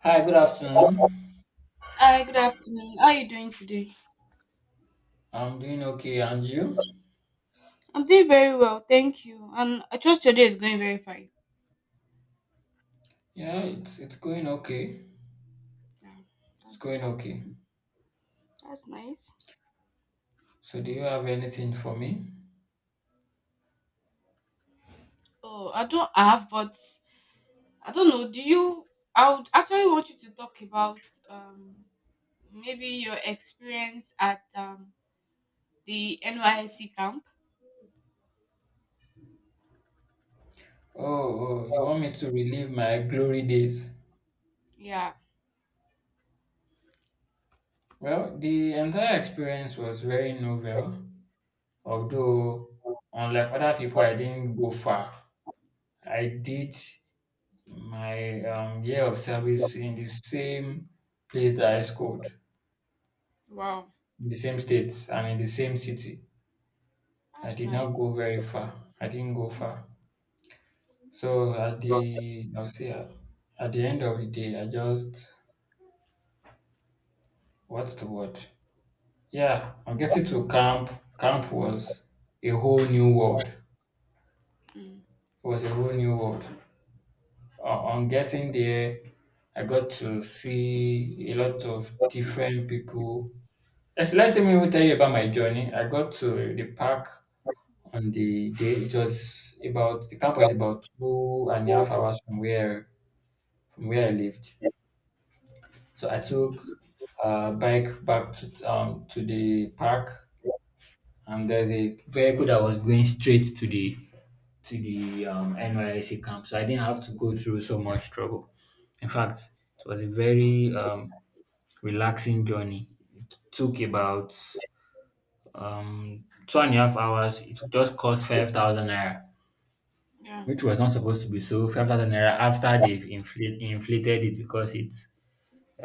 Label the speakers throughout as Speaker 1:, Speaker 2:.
Speaker 1: Hi, good afternoon.
Speaker 2: Hi, good afternoon. How are you doing today?
Speaker 1: I'm doing okay, and you?
Speaker 2: I'm doing very well, thank you. And I trust your day is going very fine.
Speaker 1: Yeah, it's going okay.
Speaker 2: Yeah,
Speaker 1: It's
Speaker 2: that's
Speaker 1: going
Speaker 2: that's
Speaker 1: okay.
Speaker 2: nice. That's nice.
Speaker 1: So, do you have anything for me?
Speaker 2: Oh, I don't have, but I don't know. Do you? I would actually want you to talk about um maybe your experience at the NYSC camp.
Speaker 1: Oh, oh, you want me to relive my glory days?
Speaker 2: Yeah.
Speaker 1: Well, the entire experience was very novel. Although, unlike other people, I didn't go far. I did my year of service in the same place that I scored,
Speaker 2: Wow,
Speaker 1: in the same state and in the same city. I
Speaker 2: that's
Speaker 1: did not
Speaker 2: nice.
Speaker 1: go very far. I didn't go far. So, at the I'll say, at the end of the day, I just what's the word? Yeah, I'm getting to camp. Camp was a whole new world. It
Speaker 2: Mm,
Speaker 1: was a whole new world. On getting there, I got to see a lot of different people. Let me even tell you about my journey. I got to the park on the day. It was about The camp was about 2.5 hours from where I lived. So I took a bike back to the park, and there's a vehicle that was going straight to the NYSC camp, so I didn't have to go through so much trouble. In fact, it was a very relaxing journey. It took about 2.5 hours. It just cost 5,000 naira,
Speaker 2: yeah.
Speaker 1: which was not supposed to be so. 5,000 naira after they've inflated it because it's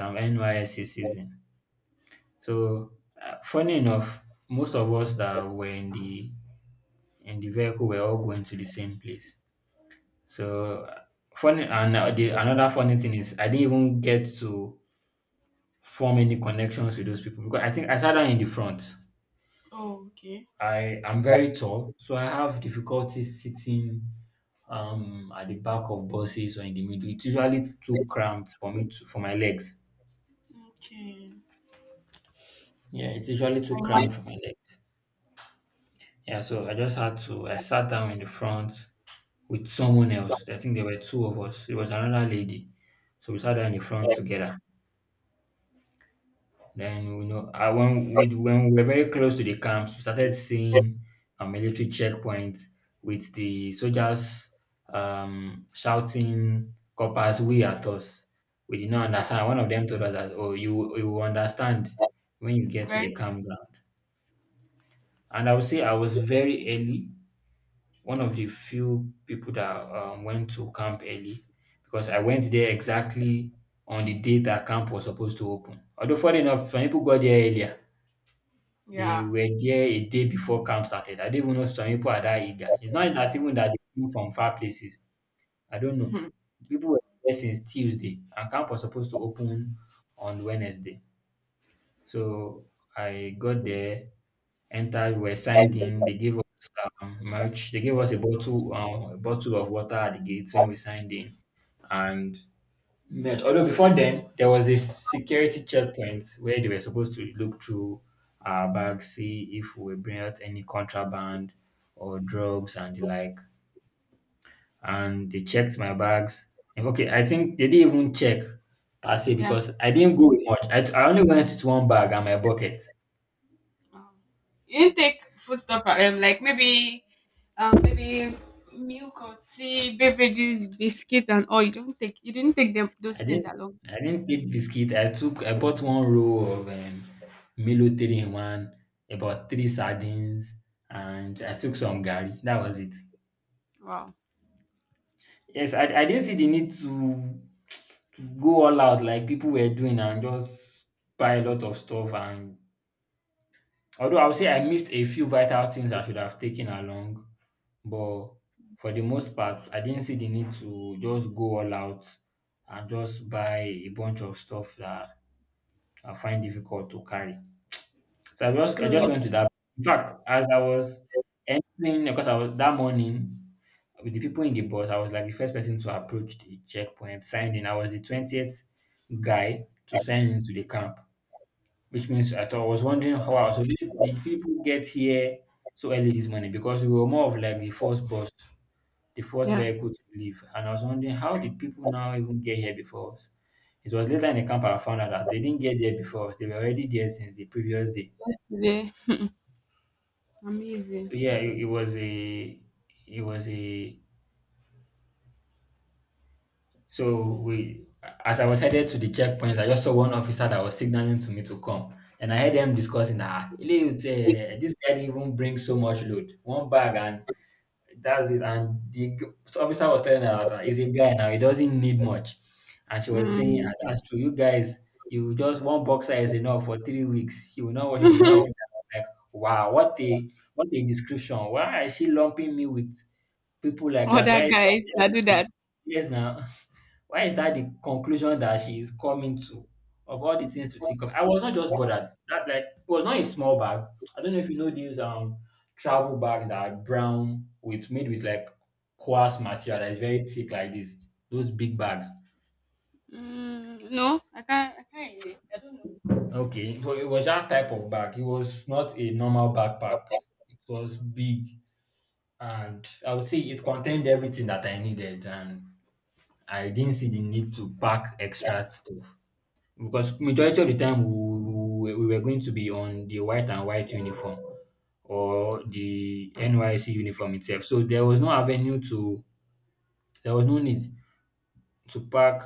Speaker 1: NYSC season. So, funny enough, most of us that were in the vehicle were all going to the same place. So, funny and the another funny thing is I didn't even get to form any connections with those people because I think I sat down in the front.
Speaker 2: Oh, okay.
Speaker 1: I am very tall, so I have difficulty sitting at the back of buses or in the middle. It's usually too cramped for my legs.
Speaker 2: Okay.
Speaker 1: Yeah, it's usually too cramped for my legs. Yeah, so I just had to, I sat down in the front with someone else. I think there were two of us. It was another lady. So we sat down in the front
Speaker 2: Yeah,
Speaker 1: together. Then, when we were very close to the camps, we started seeing a military checkpoint with the soldiers shouting coppers we at us. We did not understand. One of them told us that, oh, you will understand when you get to
Speaker 2: very,
Speaker 1: the
Speaker 2: s-
Speaker 1: campground. And I would say I was very early, one of the few people that went to camp early because I went there exactly on the day that camp was supposed to open. Although, funny enough, some people got there earlier. They
Speaker 2: yeah,
Speaker 1: were there a day before camp started. I do not even know if some people are that eager. It's not that even that they came from far places. I don't know.
Speaker 2: hmm,
Speaker 1: People were there since Tuesday, and camp was supposed to open on Wednesday. So I got there, entered, we were signed in. They gave us merch. They gave us a bottle of water at the gate when we signed in, and met. Although before then, there was a security checkpoint where they were supposed to look through our bags, see if we bring out any contraband or drugs and the like. And they checked my bags. And, okay, I think they didn't even check per se
Speaker 2: yeah.
Speaker 1: because I didn't go with much. I only went with one bag and my bucket.
Speaker 2: Um, you didn't take food stuff, like maybe, maybe milk or tea, beverages, biscuit, and all. You didn't take them those
Speaker 1: I
Speaker 2: things
Speaker 1: didn't
Speaker 2: along.
Speaker 1: I didn't take biscuit. I bought one roll of Milo three in one, about three sardines, and I took some gari. That was it.
Speaker 2: Wow,
Speaker 1: Yes, I didn't see the need to go all out like people were doing and just buy a lot of stuff. And although I would say I missed a few vital things I should have taken along, but for the most part, I didn't see the need to just go all out and just buy a bunch of stuff that I find difficult to carry. So I just I
Speaker 2: true.
Speaker 1: just went to that. In fact, as I was entering, because I was that morning with the people in the bus, I was like the first person to approach the checkpoint, sign in. I was the 20th guy to sign into the camp. Which means I thought I was wondering how, wow, so did people get here so early this morning? Because we were more of like the first bus, the first
Speaker 2: Yeah,
Speaker 1: vehicle to leave. And I was wondering how did people now even get here before us? It was later in the camp I found out that they didn't get there before us. They were already there since the previous day.
Speaker 2: yesterday, amazing.
Speaker 1: So yeah, it, it was a So we, as I was headed to the checkpoint, I just saw one officer that was signaling to me to come. And I heard them discussing that Eliud, this guy didn't even bring so much load, one bag, and that's it. And the officer was telling her that he's a guy now, he doesn't need much. And she was saying, "Ah,
Speaker 2: Mm.
Speaker 1: that's true, you guys, you just one boxer is enough for 3 weeks. You will not watch it, you will not repeat it. I'm like, wow, what a description. Why is she lumping me with people like that?
Speaker 2: Other
Speaker 1: Why
Speaker 2: guys that do that.
Speaker 1: yes now? Why is that the conclusion that she is coming to? Of all the things to think of. I was not just bothered. That like it was not a small bag. I don't know if you know these travel bags that are brown with made with like coarse material that is very thick like this. Those big bags.
Speaker 2: Mm, no, I can't. I can't relate. I don't know
Speaker 1: Okay, so it was that type of bag. It was not a normal backpack. It was big, and I would say it contained everything that I needed, and I didn't see the need to pack extra stuff. Because majority of the time we were going to be on the white and white uniform or the NYC uniform itself. So there was no avenue to, there was no need to pack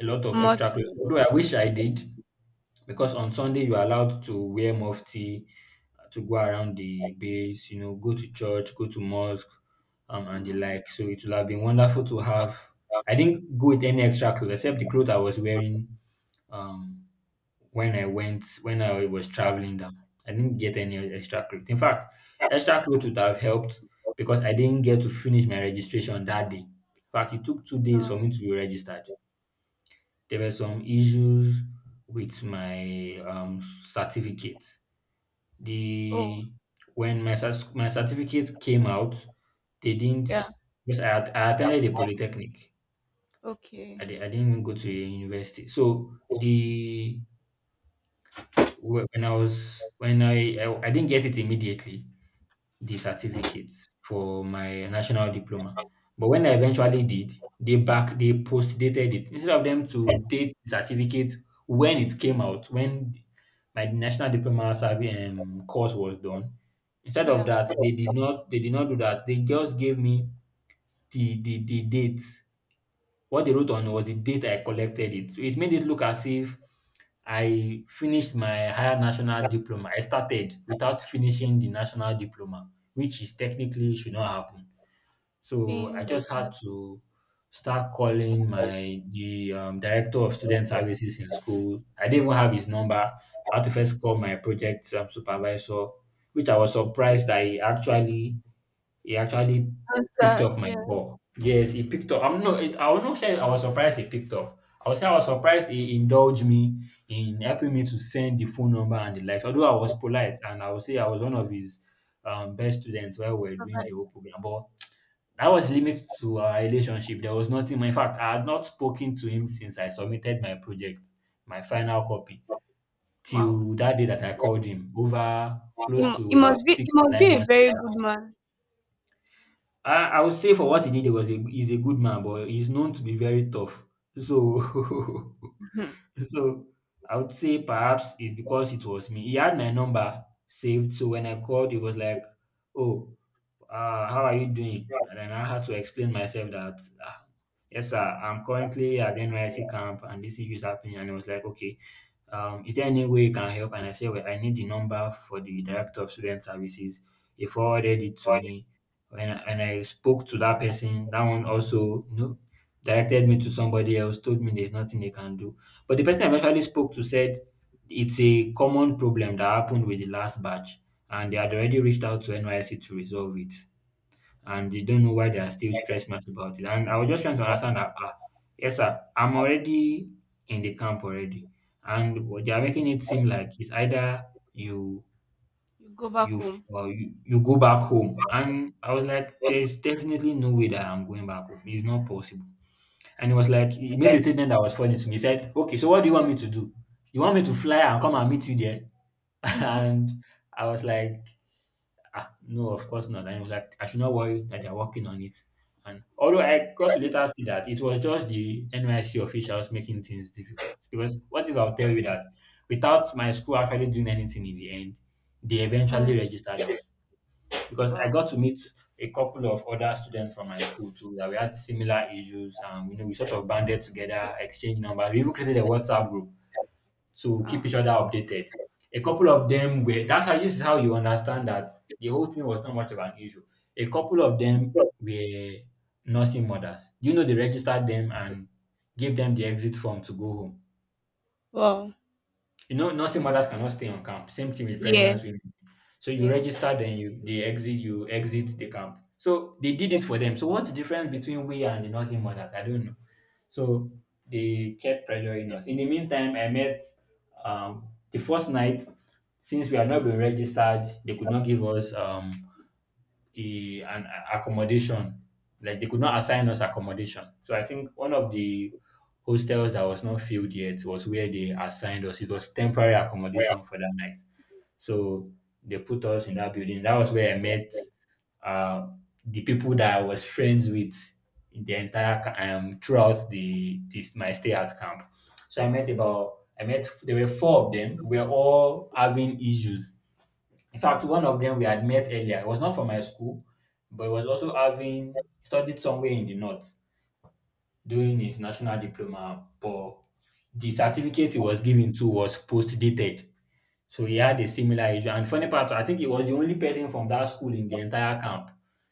Speaker 1: a lot of
Speaker 2: much.
Speaker 1: extra clothes. Although I wish I did, because on Sunday you are allowed to wear mufti, to go around the base, go to church, go to mosque, and the
Speaker 2: Mm,
Speaker 1: like. So it would have been wonderful to have. I didn't go with any extra clothes except the clothes I was wearing. Um, when I went when I was traveling down. I didn't get any extra clothes. In fact, extra clothes would have helped because I didn't get to finish my registration that day. In fact, it took 2 days for me
Speaker 2: no.
Speaker 1: to be registered. There were some issues with my certificate.
Speaker 2: Oh,
Speaker 1: The when my cer- my certificate came out, they didn't
Speaker 2: yeah.
Speaker 1: because I attended a polytechnic. I,
Speaker 2: Okay.
Speaker 1: di- I didn't even go to a university. So the Whe- when I was when I didn't get it immediately, the certificate for my national diploma. But when I eventually did, they post dated it instead of them to date the certificate when it came out when my national diploma survey course was done. Instead of
Speaker 2: Yeah.
Speaker 1: that, they did not do that. They just gave me the date. What they wrote on was the date I collected it. So it made it look as if I finished my higher national diploma. I started without finishing the national diploma, which is technically should not happen. So I
Speaker 2: Being like
Speaker 1: just had
Speaker 2: that.
Speaker 1: to start calling my the director of student services in school. I didn't even have his number. I had to first call my project supervisor, which I was surprised I actually he actually picked
Speaker 2: Answered.
Speaker 1: up my
Speaker 2: Yeah.
Speaker 1: call. Yes, he picked up. I will not say I was surprised he picked up. I would say I was surprised he indulged me in helping me to send the phone number and the likes. Although I was polite, and I would say I was one of his best students while we were doing the
Speaker 2: Provide.
Speaker 1: whole program. But that was limited to our relationship. There was nothing more. In fact, I had not spoken to him since I submitted my project, my final copy,
Speaker 2: Wow.
Speaker 1: till that day that I called him over
Speaker 2: He,
Speaker 1: close
Speaker 2: mu-
Speaker 1: to
Speaker 2: he
Speaker 1: about
Speaker 2: must be. He
Speaker 1: six to
Speaker 2: must be
Speaker 1: nine
Speaker 2: a
Speaker 1: months
Speaker 2: very good
Speaker 1: later.
Speaker 2: man.
Speaker 1: I would say for what he did, he's a good man, but he's known to be very tough. So,
Speaker 2: Mhm.
Speaker 1: so I would say perhaps it's because it was me. He had my number saved, so when I called, he was like, "Oh, how are you doing?" And then I had to explain myself that, "Yes, sir, I'm currently at NYC camp, and this issue is happening." And he was like, "Okay, is there any way you can help?" And I say, well, I need the number for the director of student services. He forwarded it to me. When I spoke to that person, that one also, directed me to somebody else, told me there's nothing they can do. But the person I eventually spoke to said it's a common problem that happened with the last batch, and they had already reached out to NYC to resolve it and they don't
Speaker 2: Mm.
Speaker 1: know why they are still stressing us about it. And I was just trying to understand that, yes, sir, I'm already in the camp already, and what they are making it seem like it's either you
Speaker 2: You go back
Speaker 1: you f-
Speaker 2: home.
Speaker 1: uh, you, you go back home. And I was like, there's definitely no way that I'm going back home. It's not possible. And it was like he made a statement that was funny to me. He said, "Okay, so what do you want me to do? You want me to fly and come and meet you there?"
Speaker 2: Mhm.
Speaker 1: and I was like. No, of course not. And he was like, I should not worry that they're working on it. And although I got to later see that it was just the NYC officials making things difficult. Because what if I'll tell you that without my school actually doing anything in the end, they eventually
Speaker 2: Mm.
Speaker 1: registered us. Because I
Speaker 2: Wow.
Speaker 1: got to meet a couple of other students from my school too that we had similar issues and we sort of banded together, exchanged numbers. We even created a WhatsApp group to keep each
Speaker 2: Ah.
Speaker 1: other updated. A couple of them were that's how, this is how you understand that the whole thing was not much of an issue. A couple of them were nursing mothers. They registered them and gave them the exit form to go home.
Speaker 2: Wow.
Speaker 1: Nursing mothers cannot stay on camp. Same thing with
Speaker 2: Yes.
Speaker 1: pregnant women. So you
Speaker 2: Yes.
Speaker 1: register, then you exit the camp. So they did it for them. So what's the difference between we and the nursing mothers? I don't know. So they kept pressuring us. In the meantime, I met the first night. Since we had not been registered, they could not give us a an a- accommodation. Like they could not assign us accommodation. So I think one of the hostels that was not filled yet was where they assigned us. It was temporary accommodation for that night. So they put us in that building. That was where I met uh, the people that I was friends with in the entire throughout the this my stay at camp. So I met about I met there were four of them. We were all having issues. In fact, one of them we had met earlier. It was not from my school, but he was also having studied somewhere in the north doing his national diploma. But the certificate he was given to was post dated. So he
Speaker 2: Yeah.
Speaker 1: had a similar issue. And funny part, I think he was the only person from that school in the entire camp.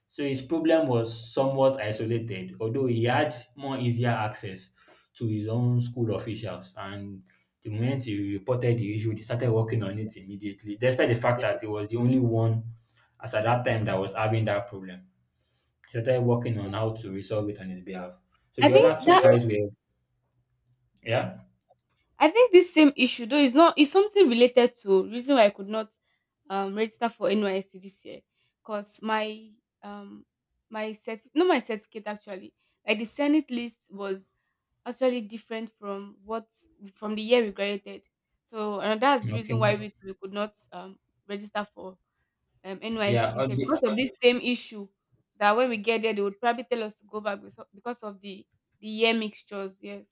Speaker 1: So his problem was somewhat isolated, although he had more easier access to his own school officials. And the moment he reported the issue, they started working on it immediately, despite the fact that he was the only one as at that time that was having that problem. They started working on how to resolve it on his behalf. So
Speaker 2: I
Speaker 1: the
Speaker 2: think
Speaker 1: other two
Speaker 2: that.
Speaker 1: guys were, yeah,
Speaker 2: Okay. I think this same issue, though, is not is something related to reason why I could not register for NYSC this year, cause my um my cert no my certificate actually, like the Senate list was actually different from what, from the year we graduated. So, and that's the
Speaker 1: okay.
Speaker 2: reason why we could not register for NYSC
Speaker 1: Yeah,
Speaker 2: this year,
Speaker 1: the,
Speaker 2: because of this same issue, that when we get there they would probably tell us to go back because of the year mixtures. Yes.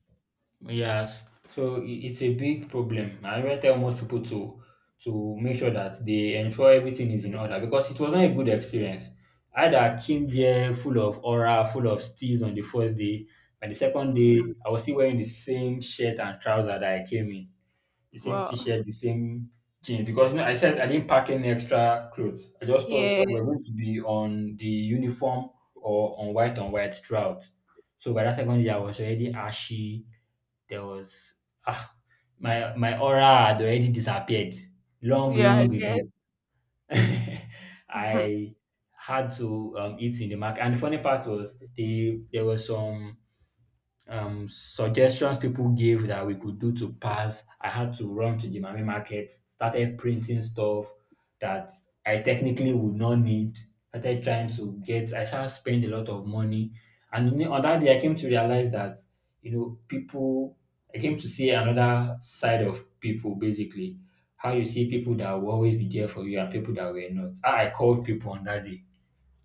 Speaker 1: yes. So it's a big problem. I even tell most people to make sure that they ensure everything is in order because it wasn't a good experience. I that came there full of aura, full of steals on the first day. By the second
Speaker 2: Mm,
Speaker 1: day, I was still wearing the same shirt and trouser that I came in, the same
Speaker 2: wow.
Speaker 1: t-shirt, the same jeans. Because I said I didn't pack any extra clothes. I just thought
Speaker 2: Yeah.
Speaker 1: we were going to be on the uniform or on white throughout. So by that second year, I was already ashy. There was ah, my aura had already disappeared long,
Speaker 2: Yeah, I
Speaker 1: long
Speaker 2: guess.
Speaker 1: ago. I had to eat in the market, and the funny part was there were some suggestions people gave that we could do to pass. I had to run to the Mami market, started printing stuff that I technically would not need. Started trying to get, I started spending a lot of money. And on that day, I came to realize that, people, I came to see another side of people basically. How you see people that will always be there for you and people that were not. How I called people on that day.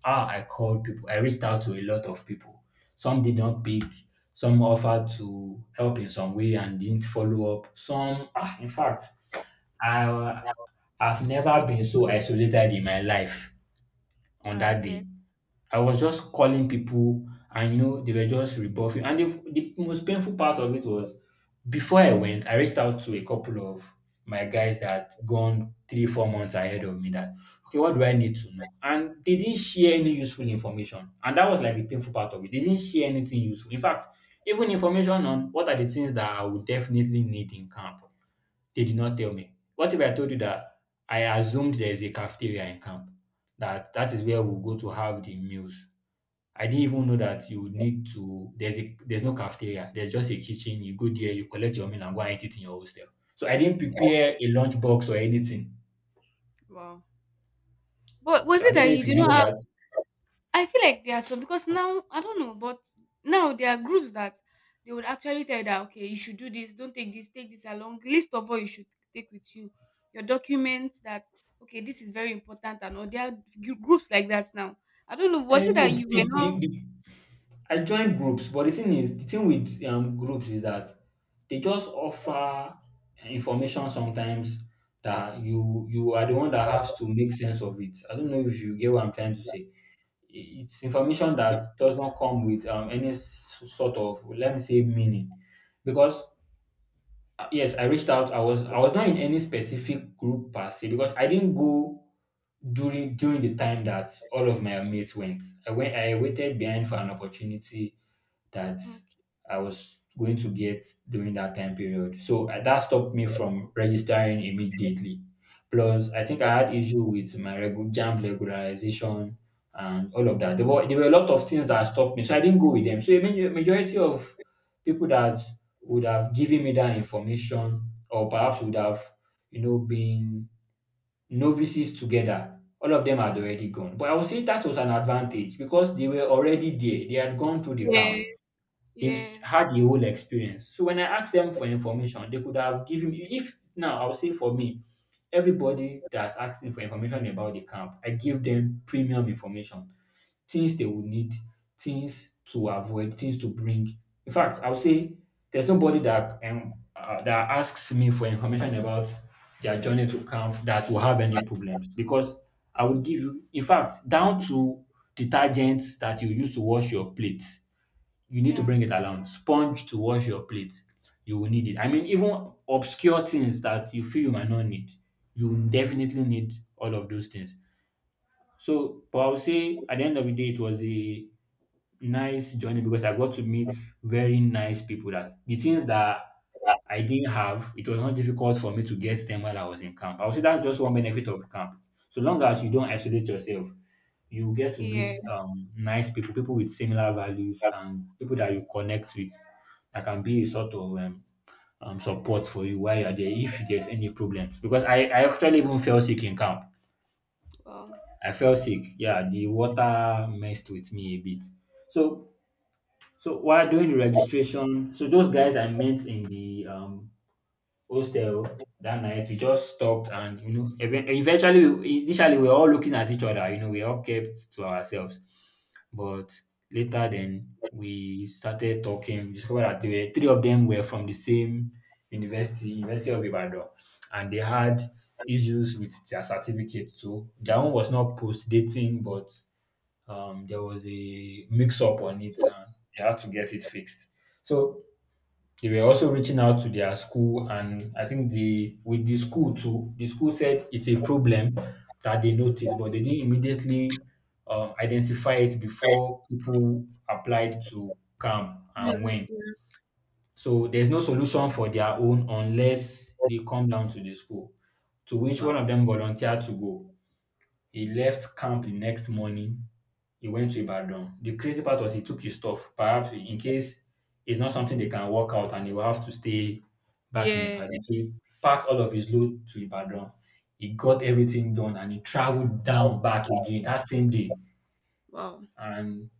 Speaker 1: I called people. I reached out to a lot of people. Some did not pick. Some offered to help in some way and didn't follow up. Some, in fact, I, I've never been so isolated in my life on
Speaker 2: Yeah, I
Speaker 1: that
Speaker 2: get.
Speaker 1: day. I was just calling people and they were just rebuffing. And the most painful part of it was, before I went, I reached out to a couple of my guys that had gone 3, 4 months ahead of me that okay, what do I need to know? And they didn't share any useful information. And that was like the painful part of it. They didn't share anything useful. In fact, even information on what are the things that I would definitely need in camp. They did not tell me. What if I told you that I assumed there is a cafeteria in camp? That that is where we'll go to have the meals. I didn't even know that you need to. There's no cafeteria. There's just a kitchen. You go there, you collect your meal and go and eat it in your hostel. So I didn't prepare a lunch box or anything.
Speaker 2: Wow. But was
Speaker 1: So I
Speaker 2: it
Speaker 1: don't
Speaker 2: that
Speaker 1: know
Speaker 2: you
Speaker 1: if you
Speaker 2: do not
Speaker 1: know
Speaker 2: have?
Speaker 1: that.
Speaker 2: I feel like there are some, because now I don't know, but now there are groups that they would actually tell you that okay, you should do this, don't take this along. List of what you should take with you, your documents that okay, this is very important, and all. There are groups like that now. I don't know. Was it
Speaker 1: And
Speaker 2: that
Speaker 1: no,
Speaker 2: you were
Speaker 1: see,
Speaker 2: not?
Speaker 1: I joined groups, but the thing is, the thing with groups is that they just offer information sometimes that you are the one that has to make sense of it. I don't know if you get what I'm trying to say. It's information
Speaker 2: Yeah.
Speaker 1: that does not come with any sort of, let me say, meaning, because yes, I reached out. I was not in any specific group per se because I didn't go during the time that all of my mates went. I went I waited behind for an opportunity that
Speaker 2: Okay.
Speaker 1: I was going to get during that time period. So that stopped me from registering immediately. Plus, I think I had issue with my jam regularization and all of that. There were a lot of things that stopped me, so I didn't go with them. So a majority of people that would have given me that information, or perhaps would have been novices together. All of them had already gone, but I would say that was an advantage because they were already there. They had gone through the camp.
Speaker 2: Yes.
Speaker 1: They've had
Speaker 2: Yes.
Speaker 1: the whole experience. So when I asked them for information, they could have given me. If now, I would say for me, everybody that's asking for information about the camp, I give them premium information, things they would need, things to avoid, things to bring. In fact, I would say there's nobody that asks me for information about their journey to camp that will have any problems, because I would give you, in fact, down to detergents that you use to wash your plates, you need to
Speaker 2: Yeah.
Speaker 1: bring it along. Sponge to wash your plate, you will need it. I mean, even obscure things that you feel you might not need, you will
Speaker 2: Mm-hmm.
Speaker 1: definitely need all of those things. So, but I would say at the end of the day, it was a nice journey because I got to meet very nice people, that the things that I didn't have, it was not difficult for me to get them while I was in camp. I would say that's just one benefit of camp. So long as you don't isolate yourself, you get to meet
Speaker 2: Yeah.
Speaker 1: nice people, people with similar values, and people that you connect with that can be a sort of support for you while you're there if there's any problems. Because I actually even fell sick in camp.
Speaker 2: Wow.
Speaker 1: I fell sick. Yeah, the water messed with me a bit. So so while doing the registration, so those guys I met in the hostel that night. We just stopped and eventually initially we were all looking at each other, we all kept to ourselves. But later then we started talking, we discovered that three of them were from the same university, University of Ibadan, and they had issues with their certificate. So their own was not post dating, but there was a mix up on it and they had to get it fixed. So they were also reaching out to their school, and I think the with the school too, the school said it's a problem that they noticed, but they didn't immediately identify it before people applied to come
Speaker 2: Yeah,
Speaker 1: and went.
Speaker 2: yeah.
Speaker 1: So there's no solution for their own unless they come down to the school, to which one of
Speaker 2: Wow.
Speaker 1: them volunteered to go. He left camp the next morning. He went to Ibadan. The crazy part was he took his stuff, perhaps in case it's not something they can work out and he will have to stay back in
Speaker 2: Yeah.
Speaker 1: Ibadan. So he packed all of his load to Ibadan. He got everything done and he traveled down back again that same day.
Speaker 2: Wow.
Speaker 1: And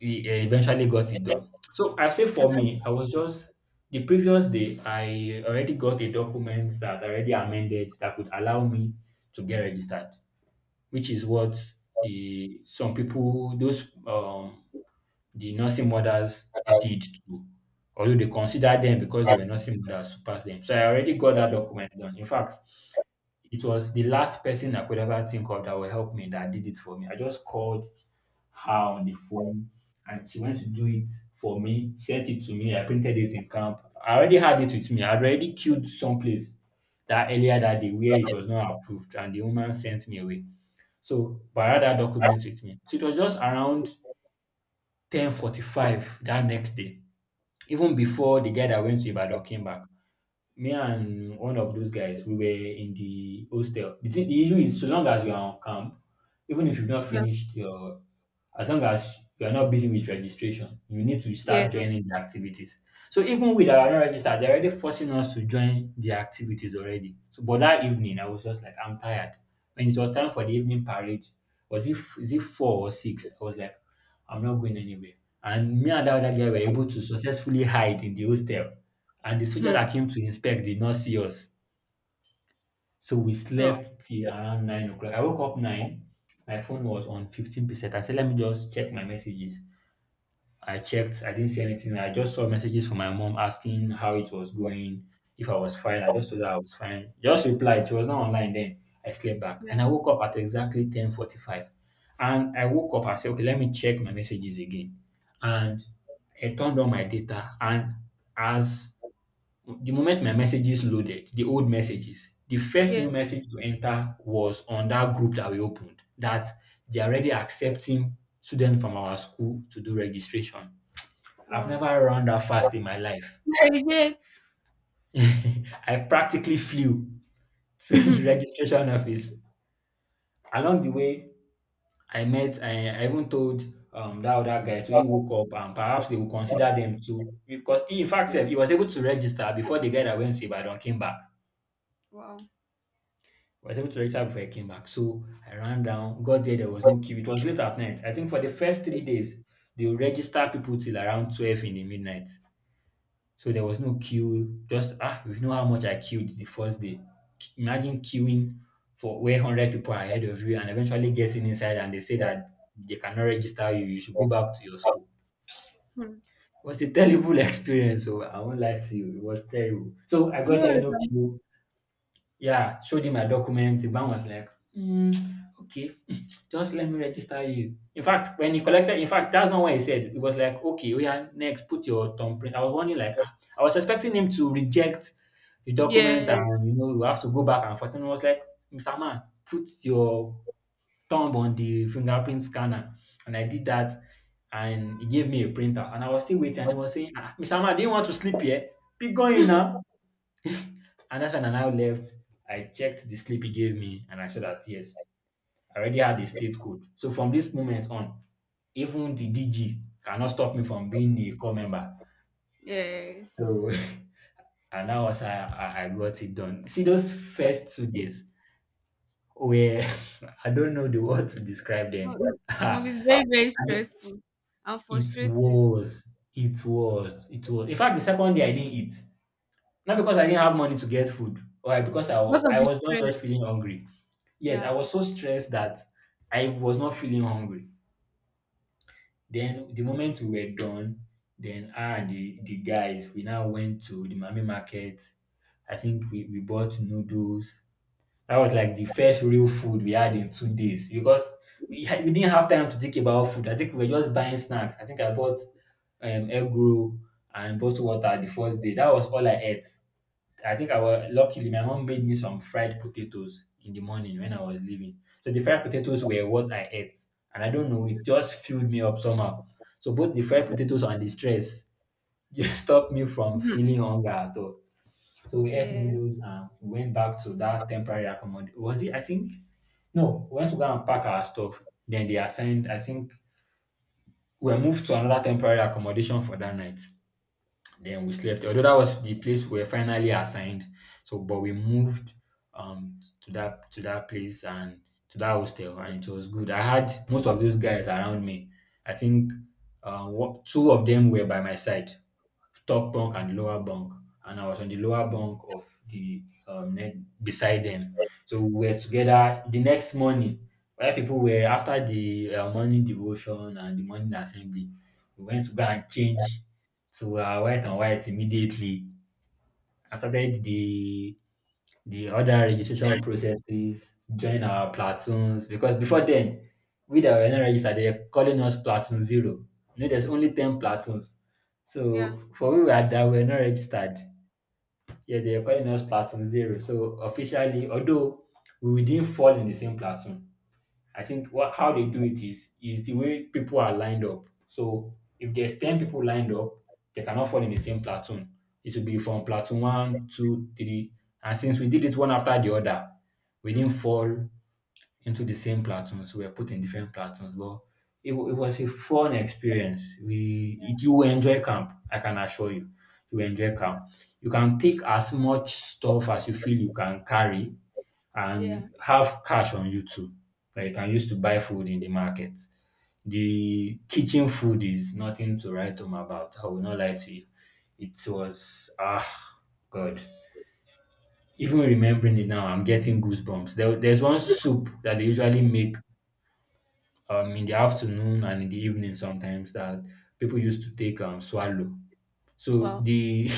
Speaker 1: he eventually got it done. So I've said for me, I was just the previous day I already got a document that already amended that would allow me to get registered, which is what the some people, those the nursing mothers did too, although they considered them because they were nursing mothers to pass them. So I already got that document done. In fact, it was the last person I could ever think of that will help me that did it for me. I just called her on the phone and she went to do it for me, sent it to me. I printed it in camp. I already had it with me. I already queued someplace that earlier that day where it was not approved and the woman sent me away. So, but I had that document with me. So it was just around 10:45 that next day, even before the guy that went to Ibadan came back. Me and one of those guys, we were in the hostel. Thing, the issue is, so long as you are on camp, even if you've not
Speaker 2: Yeah.
Speaker 1: finished your, as long as you are not busy with registration, you need to
Speaker 2: Yes.
Speaker 1: start joining the activities. So even with our not registered, they're already forcing us to join the activities already. So, but that evening, I was just like, I'm tired. When it was time for the evening parade, was it, is it four or six? I was like, I'm not going anywhere. And me and that other guy were able to successfully hide in the hostel. And the soldier
Speaker 2: Hmm.
Speaker 1: that came to inspect did not see us. So we slept till around 9 o'clock. I woke up nine. My phone was on 15%. I said, let me just check my messages. I checked. I didn't see anything. I just saw messages from my mom asking how it was going, if I was fine. I
Speaker 2: Wow.
Speaker 1: just told her I was fine. Just replied. She was not online then. I slept back
Speaker 2: Yeah.
Speaker 1: and I woke up at exactly 10:45. And I woke up. I said, okay, let me check my messages again. And I turned on my data. And as the moment my messages loaded, the old messages, the first
Speaker 2: Yes.
Speaker 1: new message to enter was on that group that we opened, that they are already accepting students from our school to do registration. I've
Speaker 2: Wow.
Speaker 1: never run that fast in my life.
Speaker 2: Yeah, yes.
Speaker 1: I practically flew to the
Speaker 2: Hmm.
Speaker 1: registration office. Along the way, I even told that other guy to, he woke up and perhaps they will consider them too. Because he, in fact, sef, he was able to register before the guy that went to Ibadan came back.
Speaker 2: wow.
Speaker 1: I was able to register before I came back. So I ran down, got there, there was no queue. It was late at night. I think for the first 3 days, they will register people till around 12 in the midnight. So there was no queue. Just, ah, you know how much I queued the first day. Imagine queuing for where 100 people are ahead of you and eventually getting inside and they say that they cannot register you. You should go back to your school.
Speaker 2: Hmm.
Speaker 1: It was a terrible experience. So I won't lie to you. It was terrible. So I
Speaker 2: I know.
Speaker 1: got there, no
Speaker 2: It's-
Speaker 1: queue. Yeah, showed him my document. The man was like, "Hmm, okay, just let me register you." In fact, when he collected, in fact, that's not what he said. It was like, okay, we are next, put your thumbprint. I was wondering, like, ah, I was expecting him to reject the document
Speaker 2: Yeah.
Speaker 1: and, you know, you have to go back and forth. And I was like, Mr. Man, put your thumb on the fingerprint scanner. And I did that and he gave me a printer. And I was still waiting and he was saying, ah, Mr. Man, do you want to sleep here? Be going now. And that's when I now left. I checked the sleep he gave me and I saw that, yes, I already had a state code. So from this moment on, even the DG cannot stop me from being a core member.
Speaker 2: Yes.
Speaker 1: So and that was how I got it done. See those first 2 days where I don't know the word to describe
Speaker 2: Well,
Speaker 1: them.
Speaker 2: it
Speaker 1: I
Speaker 2: must very, very stressful and
Speaker 1: it
Speaker 2: frustrating.
Speaker 1: was, it was, It was. In fact, the second day I didn't eat. Not
Speaker 2: Wow.
Speaker 1: because I didn't have money to get food, or because
Speaker 2: Most of
Speaker 1: I
Speaker 2: the
Speaker 1: was not just
Speaker 2: stress.
Speaker 1: feeling hungry. Yes, I
Speaker 2: Yeah.
Speaker 1: was so stressed that I was not feeling hungry. Then the moment we were done, then I and the guys, we now went to the Mami market. I think we bought noodles. That was like the first real food we had in 2 days because we, had, we didn't have time to think about food. I think we were just buying snacks. I think I bought egg roll and bottled water the first day. That was all I ate. I think I was luckily my mom made me some fried potatoes in the morning when I was leaving. So the fried potatoes were what I ate, and I don't know, it just filled me up somehow. So both the fried potatoes and the stress just stopped me from
Speaker 2: Mhm.
Speaker 1: feeling hunger at all. So we ate
Speaker 2: Yes.
Speaker 1: noodles and we went back to that temporary accommodation. Was it? I think no. We went to go and pack our stuff. Then they assigned. I think we were moved to another temporary accommodation for that night. Then we slept, although that was the place we were finally assigned. So, but we moved to that place and to that hostel, and it was good. I had most of those guys around me. I think two of them were by my side, top bunk and lower bunk, and I was on the lower bunk of the beside them. So we were together the next morning. Where people were after the morning devotion and the morning assembly, we went to go and change to our white and white immediately. I started the other registration processes, join our platoons because before then, we that were not registered, they're calling us platoon zero. You know, there's only 10 platoons.
Speaker 2: Yeah.
Speaker 1: So for we were that were not registered, yeah, they're calling us platoon zero. So officially, although we didn't fall in the same platoon, I think what how they do it is the way people are lined up. So if there's 10 people lined up, they cannot fall in the same platoon. It will be from platoon one, two, three, and since we did it one after the other, we didn't
Speaker 2: Hmm.
Speaker 1: fall into the same platoons. We were put in different platoons, but it was a fun experience. You will enjoy camp. I can assure you, you will enjoy camp. You can take as much stuff as you feel you can carry
Speaker 2: Yeah.
Speaker 1: and have cash on you too that you can use to buy food in the market. The kitchen food is nothing to write home about. I will not lie to you. It was ah God. Even remembering it now, I'm getting goosebumps. There's one soup that they usually make in the afternoon and in the evening sometimes that people used to take swallow. So
Speaker 2: Wow.
Speaker 1: the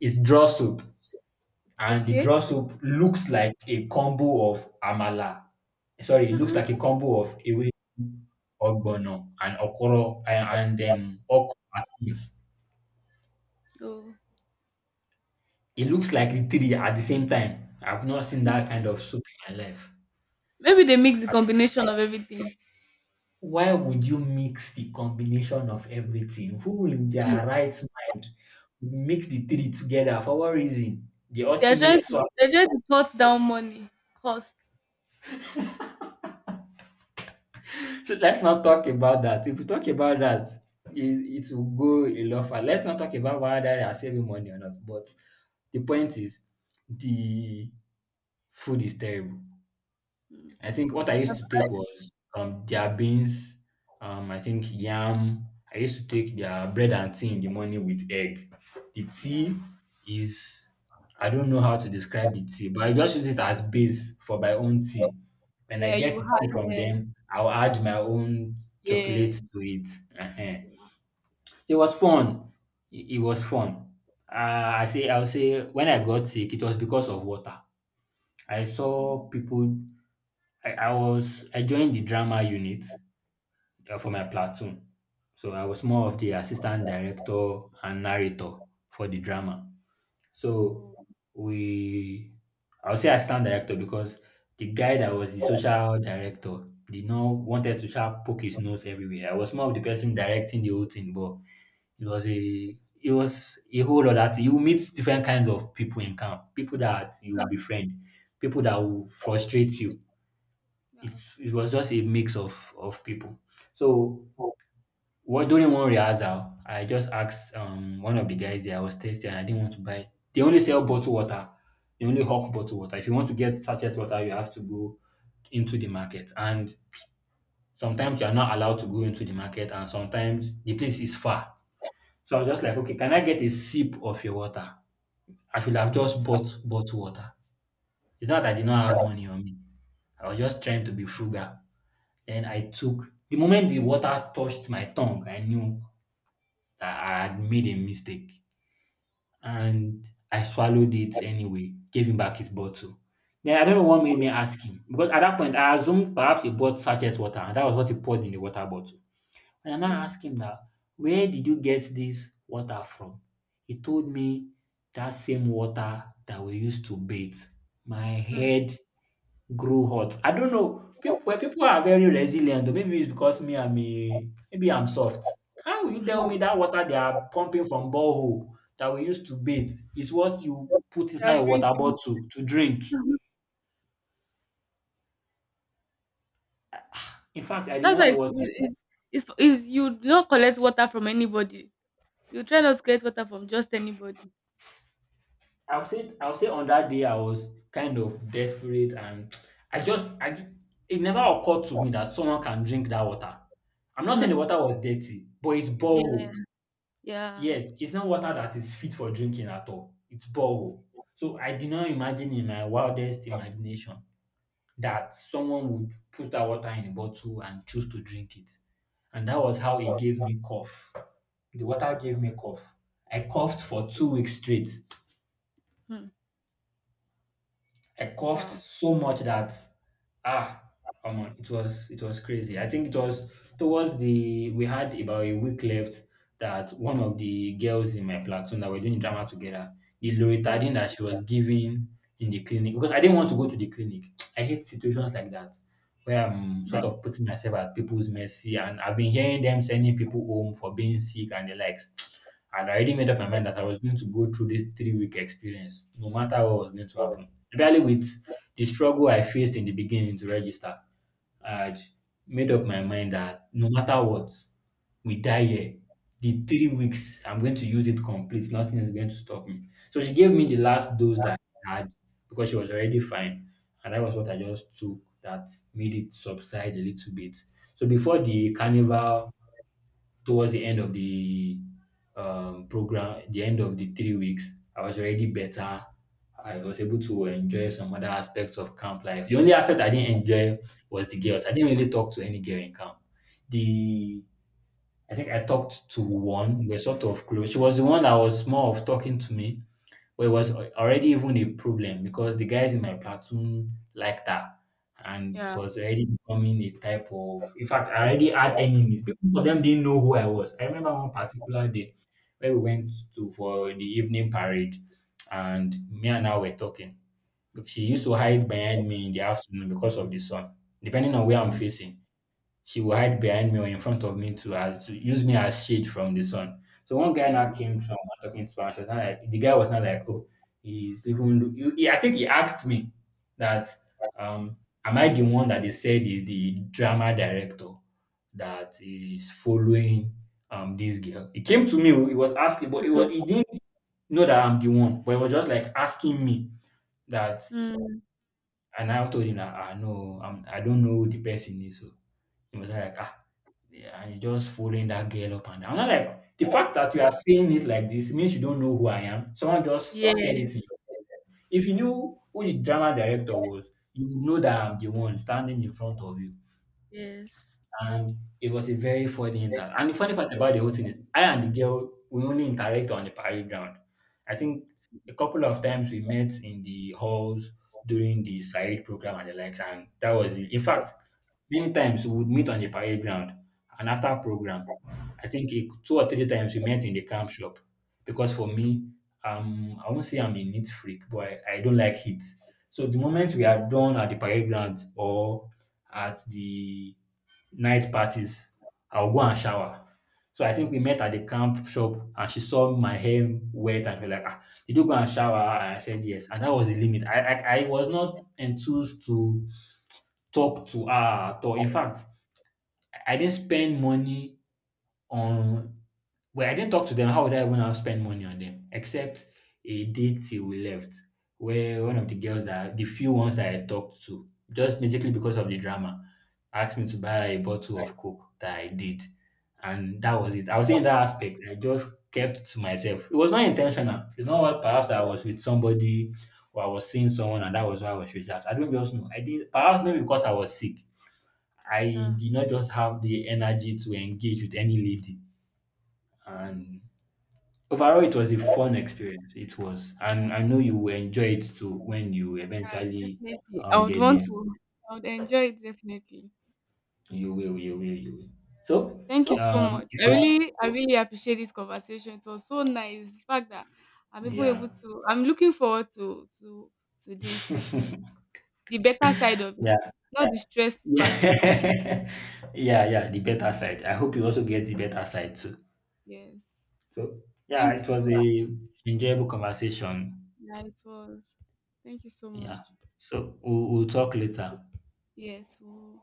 Speaker 1: it's draw soup and the
Speaker 2: Okay.
Speaker 1: draw soup looks like a combo of amala. Sorry, it looks like a
Speaker 2: Mm-mm.
Speaker 1: combo of ewe, ogbono, and okoro and okra and beans.
Speaker 2: Oh.
Speaker 1: It looks like the three at the same time. I've not seen that kind of soup in my life.
Speaker 2: Maybe they mix the combination of everything.
Speaker 1: Why would you mix the combination of everything? Who in their right mind would mix the three together for what reason? The ultimate swap.
Speaker 2: They're trying to cut down money cost.
Speaker 1: So let's not talk about that. If we talk about that, it will go a lot far. Let's not talk about whether they are saving money or not. But the point is, the food is terrible.
Speaker 2: Mm.
Speaker 1: I think what I
Speaker 2: I've-
Speaker 1: used to
Speaker 2: I-
Speaker 1: take was their beans, I think yam. I used to take their bread and tea in the morning with egg. The
Speaker 2: Yeah.
Speaker 1: tea is, I don't know how to describe the tea, but I just use it as base for my own tea. When I
Speaker 2: Yeah.
Speaker 1: get
Speaker 2: You
Speaker 1: the tea from
Speaker 2: hire.
Speaker 1: them, I'll add my own chocolate
Speaker 2: Yeah. Yeah.
Speaker 1: to it. uh
Speaker 2: Yeah.
Speaker 1: It was fun. It was fun. I'll say, when I got sick, it was because of water. I
Speaker 2: That's. Yeah.
Speaker 1: saw people. I joined the drama unit for my platoon, so I was more of the assistant director and narrator for the drama. So
Speaker 2: Oh.
Speaker 1: we, I will say assistant director because the guy that was the social director did not wanted to sharp poke his nose everywhere. I was more of the person directing the whole thing, but it was a it was a whole lot that you meet different kinds of people in camp, people that you befriend, people that will frustrate you.
Speaker 2: Yeah.
Speaker 1: It was just a mix of people. So what during one rehearsal, I just asked one of the guys there. I was thirsty and I didn't want to buy. They only sell bottled water. They only hawk
Speaker 2: Yeah.
Speaker 1: bottled water. If you want to get sachet water, you have to go into the market. And sometimes you are not allowed to go into the market, and sometimes the place is far. So I was just like, okay, can I get a sip of your water? I should have just bought bottled water. It's not that I did not have money on me. I was just trying to be frugal. Then I took the moment the water touched my tongue, I knew that I had made a mistake. And I swallowed it anyway, gave him back his bottle. Then I don't know what made me ask him because at that point I assumed perhaps he bought sachet water and that was what he poured in the water bottle. And I now
Speaker 2: Yes.
Speaker 1: asked him that, where did you get this water from? He told me that same water that we used to bathe. My
Speaker 2: Mm.
Speaker 1: head grow hot. I don't know. People where people are very resilient, or maybe it's because me I'm a maybe I'm soft. How will you tell me
Speaker 2: Mhm.
Speaker 1: that water they are pumping from borehole that we used to bathe is what you put
Speaker 2: They are
Speaker 1: inside a water
Speaker 2: drinking.
Speaker 1: bottle to drink?
Speaker 2: Mhm.
Speaker 1: In fact, I did
Speaker 2: That's
Speaker 1: not
Speaker 2: why
Speaker 1: know what to do.
Speaker 2: it's, you do not collect water from anybody. You try not to collect water from just anybody.
Speaker 1: I'll say on that day I was kind of desperate and I just I ju- it never occurred to me that someone can drink that water. I'm not saying
Speaker 2: Hmm.
Speaker 1: the water was dirty, but it's
Speaker 2: Yeah,
Speaker 1: borehole.
Speaker 2: yeah.
Speaker 1: Yes, it's not water that is fit for drinking at all. It's borehole. So I did not imagine in my wildest imagination that someone would put that water in a bottle and choose to drink it. And that was how it gave me cough. The water gave me cough. I coughed for 2 weeks straight.
Speaker 2: Hmm.
Speaker 1: I coughed
Speaker 2: Wow.
Speaker 1: so much that ah, come on, it was crazy. I think it was towards the we had about a week left that one of the girls in my platoon that were doing drama together, the
Speaker 2: Yes.
Speaker 1: loratadine that she was giving in the clinic, because I didn't want to go to the clinic. I hate situations like that where I'm sort of putting myself at people's mercy and I've been hearing them sending people home for being sick and the likes. I'd already made up my mind that I was going to go through this 3 week experience, no matter what was going to happen. Entirely with the struggle I faced in the beginning to register, I had made up my mind that no matter what, we die here. The 3 weeks, I'm going to use it complete. Nothing is going to stop me. So she gave me the last dose that I had because she was already fine. And that was what I just took that made it subside a little bit. So before the carnival, towards the end of the program, the end of the 3 weeks, I was already better. I was able to enjoy some other aspects of camp life. The only aspect I didn't enjoy was the girls. I didn't really talk to any girl in camp. The I think I talked to one. We were sort of close. She was the one that was more of talking to me, but it was already even a problem because the guys in my platoon liked her, and
Speaker 2: Yeah.
Speaker 1: it was already becoming a type of. In fact, I already had enemies. People of them didn't know who I was. I remember one particular day where we went to for the evening parade, and me and her were talking. She used to hide behind me in the afternoon because of the sun, depending on where I'm
Speaker 2: Mm,
Speaker 1: facing she will hide behind me or in front of me to as to use me as shade from the sun. So one guy now
Speaker 2: yes.
Speaker 1: came through and was talking to her. And she was not like the guy was not like, oh, he's even. I think he asked me that, um, am I the one that they said is the drama director that is following this girl? He came to me. Oh, he was asking, but it was
Speaker 2: Mhm.
Speaker 1: he didn't know that I'm the one, but he was just like asking me that.
Speaker 2: Mm,
Speaker 1: And I told him that, ah, no, I don't know who the person is. So he was like, ah, yeah, and he's just following that girl up and down. I'm not like, the fact that you are saying it like this means you don't know who I am. Someone just
Speaker 2: yeah.
Speaker 1: said it in your presence. If you knew who the drama director was, you would know that I'm the one standing in front of you.
Speaker 2: Yes.
Speaker 1: And it was a very funny
Speaker 2: Yeah.
Speaker 1: inter. And the funny part about the whole thing is, I and the girl, we only interact on the parade ground. I think a couple of times we met in the halls during the Said program and the likes, and that was it. In fact, many times we would meet on the parade ground and after program, I think two or three times we met in the camp shop because for me, I won't say I'm a neat freak, but I don't like heat. So the moment we are done at the parade ground or at the night parties, I'll go and shower. So I think we met at the camp shop and she saw my hair wet and she was like, ah, did you go and shower? And I said yes. And that was the limit. I was not enthused to talk to her at all. In fact, I didn't spend money on I didn't talk to them. How would I even now spend money on them? Except a day till we left, where one of the girls that the few ones that I talked to, just basically because of the drama, asked me to buy a bottle of Coke that I did. And that was it. I was saying that aspect. I just kept to myself. It was not intentional. It's not what perhaps I was with somebody or I was seeing someone and that was why I was reserved. I don't just know. I did perhaps maybe because I was sick. I did not just have the energy to engage with any lady and overall, it was a fun experience. It was,
Speaker 2: Yeah,
Speaker 1: and I know you will enjoy it too when you
Speaker 2: yeah,
Speaker 1: eventually
Speaker 2: definitely. I would
Speaker 1: get
Speaker 2: want
Speaker 1: there.
Speaker 2: to. I would enjoy it definitely.
Speaker 1: You will, you will, you will. So,
Speaker 2: Thank you so much.
Speaker 1: if you,
Speaker 2: I really appreciate this conversation. It was so nice. The fact that I'm even able
Speaker 1: yeah,
Speaker 2: to. I'm looking forward to to this
Speaker 1: yeah,
Speaker 2: actually. The better side of it, not the stressful part of it.
Speaker 1: yeah, yeah, yeah, the better side. I hope you also get the better side too.
Speaker 2: Yes.
Speaker 1: So, yeah,
Speaker 2: Thank
Speaker 1: it was
Speaker 2: you.
Speaker 1: a enjoyable conversation.
Speaker 2: Yeah, it was. Thank you so much.
Speaker 1: Yeah. So we'll talk later.
Speaker 2: Yes. We'll-